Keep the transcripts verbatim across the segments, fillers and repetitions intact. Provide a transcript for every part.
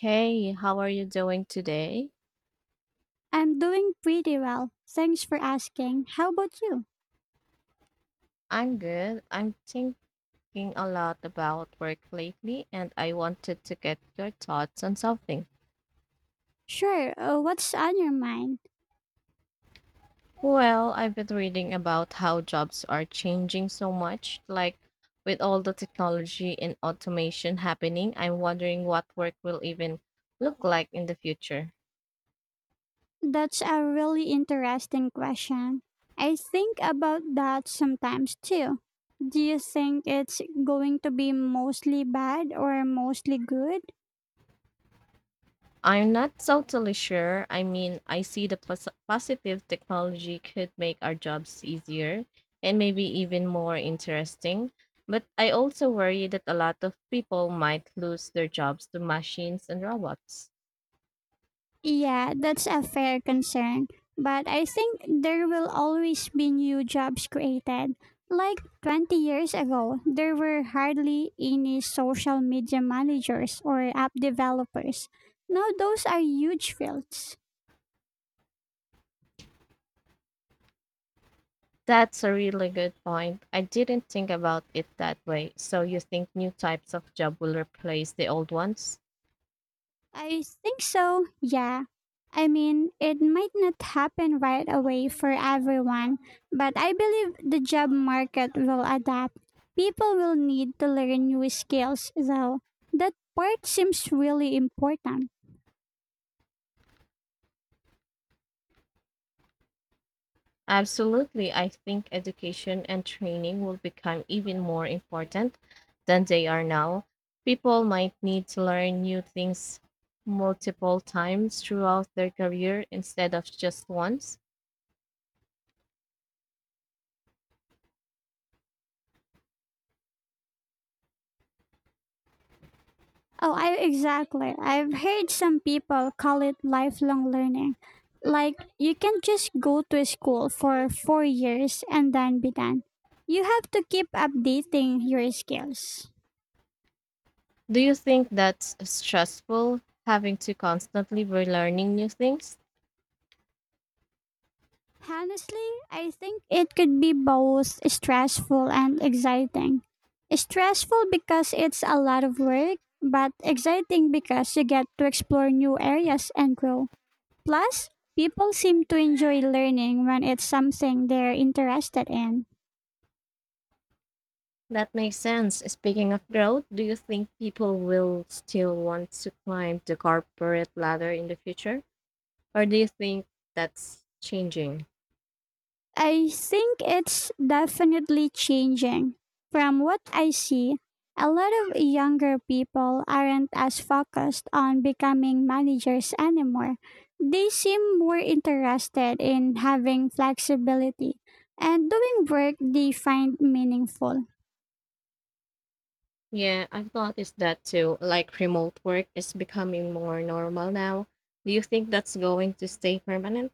Hey, how are you doing today? I'm doing pretty well. Thanks for asking. How about you? I'm good. I'm thinking a lot about work lately, and I wanted to get your thoughts on something. Sure. Uh, what's on your mind? Well, I've been reading about how jobs are changing so much, like with all the technology and automation happening, I'm wondering what work will even look like in the future. That's a really interesting question. I think about that sometimes too. Do you think it's going to be mostly bad or mostly good? I'm not totally sure. I mean, I see the pos- positive technology could make our jobs easier and maybe even more interesting. But I also worry that a lot of people might lose their jobs to machines and robots. Yeah, that's a fair concern. But I think there will always be new jobs created. Like twenty years ago, there were hardly any social media managers or app developers. Now, those are huge fields. That's a really good point. I didn't think about it that way. So you think new types of job will replace the old ones? I think so, yeah. I mean, it might not happen right away for everyone, but I believe the job market will adapt. People will need to learn new skills, though. That part seems really important. Absolutely. I think education and training will become even more important than they are now. People might need to learn new things multiple times throughout their career instead of just once. Oh, I exactly. I've heard some people call it lifelong learning. Like, you can just go to school for four years and then be done. You have to keep updating your skills. Do you think that's stressful, having to constantly be learning new things? Honestly, I think it could be both stressful and exciting. Stressful because it's a lot of work, but exciting because you get to explore new areas and grow. Plus, people seem to enjoy learning when it's something they're interested in. That makes sense. Speaking of growth, do you think people will still want to climb the corporate ladder in the future? Or do you think that's changing? I think it's definitely changing. From what I see, a lot of younger people aren't as focused on becoming managers anymore. They seem more interested in having flexibility and doing work they find meaningful. Yeah, I've noticed that too. Like remote work is becoming more normal now. Do you think that's going to stay permanent?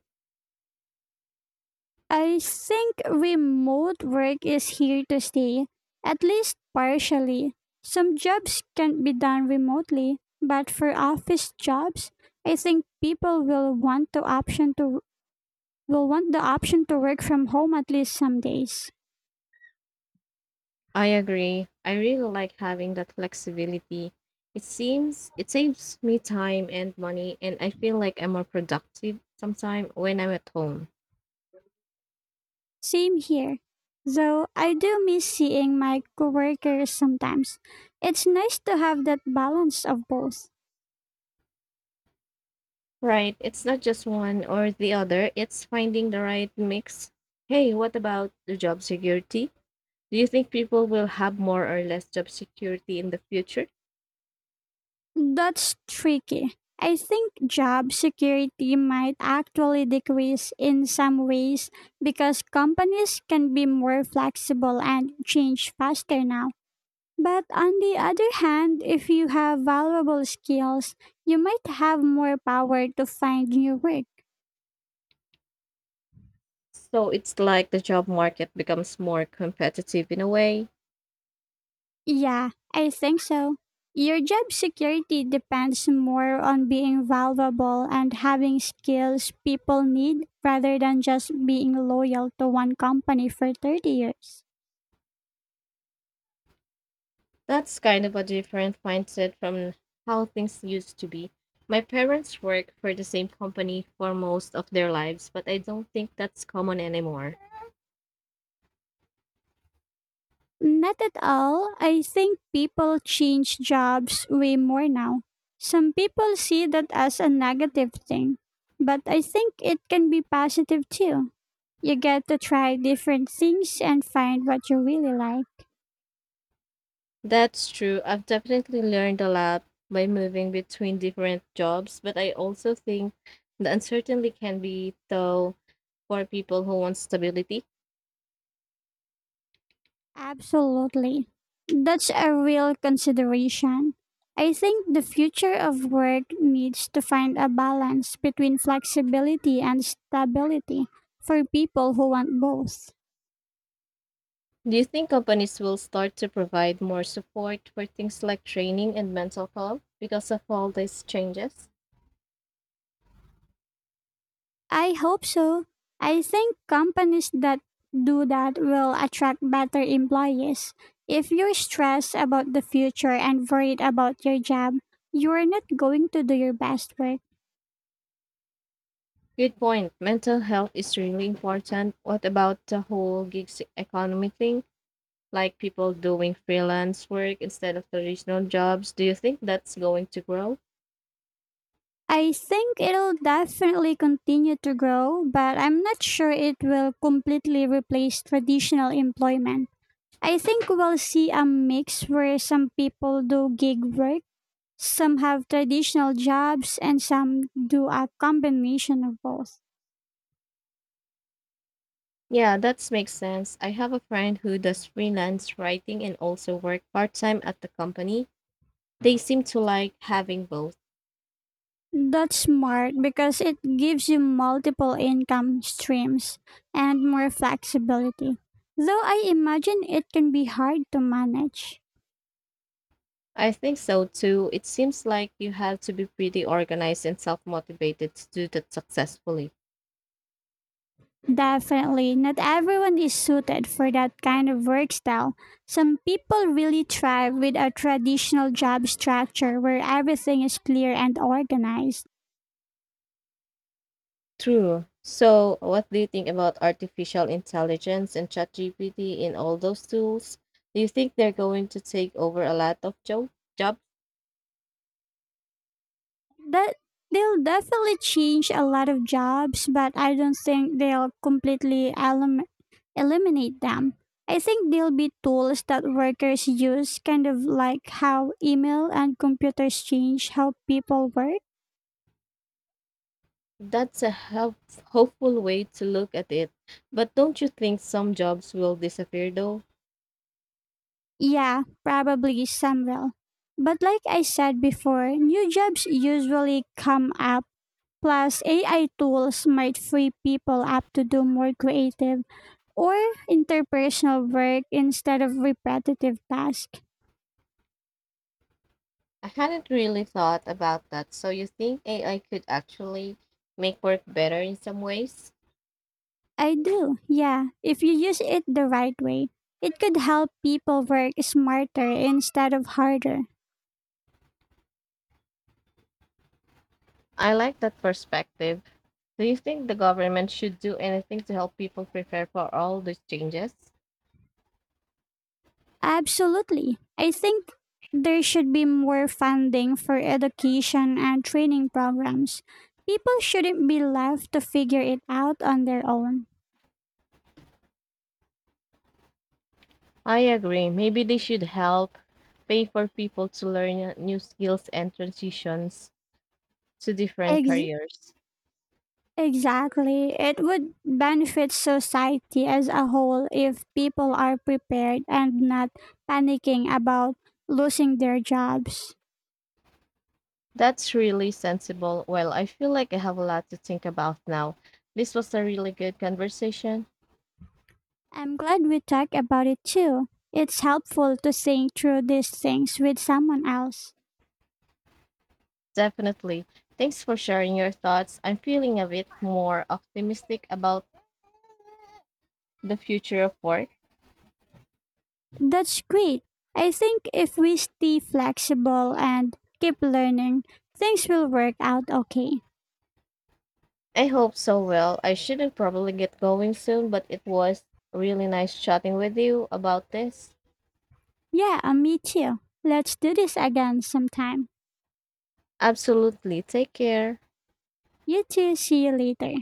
I think remote work is here to stay, at least partially. Some jobs can be done remotely, but for office jobs, I think people will want the option to will want the option to work from home at least some days. I agree. I really like having that flexibility. It seems it saves me time and money and I feel like I'm more productive sometime when I'm at home. Same here. Though I do miss seeing my coworkers sometimes. It's nice to have that balance of both. Right. It's not just one or the other, it's finding the right mix. Hey, what about the job security? Do you think people will have more or less job security in the future? That's tricky. I think job security might actually decrease in some ways because companies can be more flexible and change faster now. But on the other hand, if you have valuable skills, you might have more power to find new work. So it's like the job market becomes more competitive in a way. Yeah, I think so. Your job security depends more on being valuable and having skills people need rather than just being loyal to one company for thirty years. That's kind of a different mindset from how things used to be. My parents worked for the same company for most of their lives, but I don't think that's common anymore. Not at all. I think people change jobs way more now. Some people see that as a negative thing, but I think it can be positive too. You get to try different things and find what you really like. That's true. I've definitely learned a lot by moving between different jobs, but I also think the uncertainty can be tough for people who want stability. Absolutely. That's a real consideration. I think the future of work needs to find a balance between flexibility and stability for people who want both. Do you think companies will start to provide more support for things like training and mental health because of all these changes? I hope so. I think companies that do that will attract better employees. If you're stressed about the future and worried about your job, you're not going to do your best work. Good point. Mental health is really important. What about the whole gigs economy thing? Like people doing freelance work instead of traditional jobs. Do you think that's going to grow? I think it'll definitely continue to grow, but I'm not sure it will completely replace traditional employment. I think we'll see a mix where some people do gig work, some have traditional jobs, and some do a combination of both. Yeah, that makes sense. I have a friend who does freelance writing and also work part time at the company. They seem to like having both. That's smart because it gives you multiple income streams and more flexibility. Though I imagine it can be hard to manage. I think so too. It seems like you have to be pretty organized and self motivated to do that successfully. Definitely, not everyone is suited for that kind of work style. Some people really thrive with a traditional job structure where everything is clear and organized. True. So, what do you think about artificial intelligence and ChatGPT and all those tools? Do you think they're going to take over a lot of jo- jobs? That they'll definitely change a lot of jobs, but I don't think they'll completely elim- eliminate them. I think they'll be tools that workers use, kind of like how email and computers change how people work. That's a help- hopeful way to look at it. But don't you think some jobs will disappear though? Yeah, probably Samrel. But like I said before, new jobs usually come up. Plus, A I tools might free people up to do more creative or interpersonal work instead of repetitive tasks. I hadn't really thought about that. So, you think A I could actually make work better in some ways? I do, yeah. If you use it the right way, it could help people work smarter instead of harder. I like that perspective. Do you think the government should do anything to help people prepare for all these changes? Absolutely. I think there should be more funding for education and training programs. People shouldn't be left to figure it out on their own. I agree. Maybe they should help pay for people to learn uh, new skills and transitions to different Ex- careers. exactly. It would benefit society as a whole if people are prepared and not panicking about losing their jobs. That's really sensible. Well, I feel like I have a lot to think about now. This was a really good conversation. I'm glad we talked about it too. It's helpful to think through these things with someone else. Definitely. Thanks for sharing your thoughts. I'm feeling a bit more optimistic about the future of work. That's great. I think if we stay flexible and keep learning, things will work out okay. I hope so. Well, I shouldn't probably get going soon, but it was really nice chatting with you about this. Yeah, uh, me too. Let's do this again sometime. Absolutely. Take care. You too, see you later.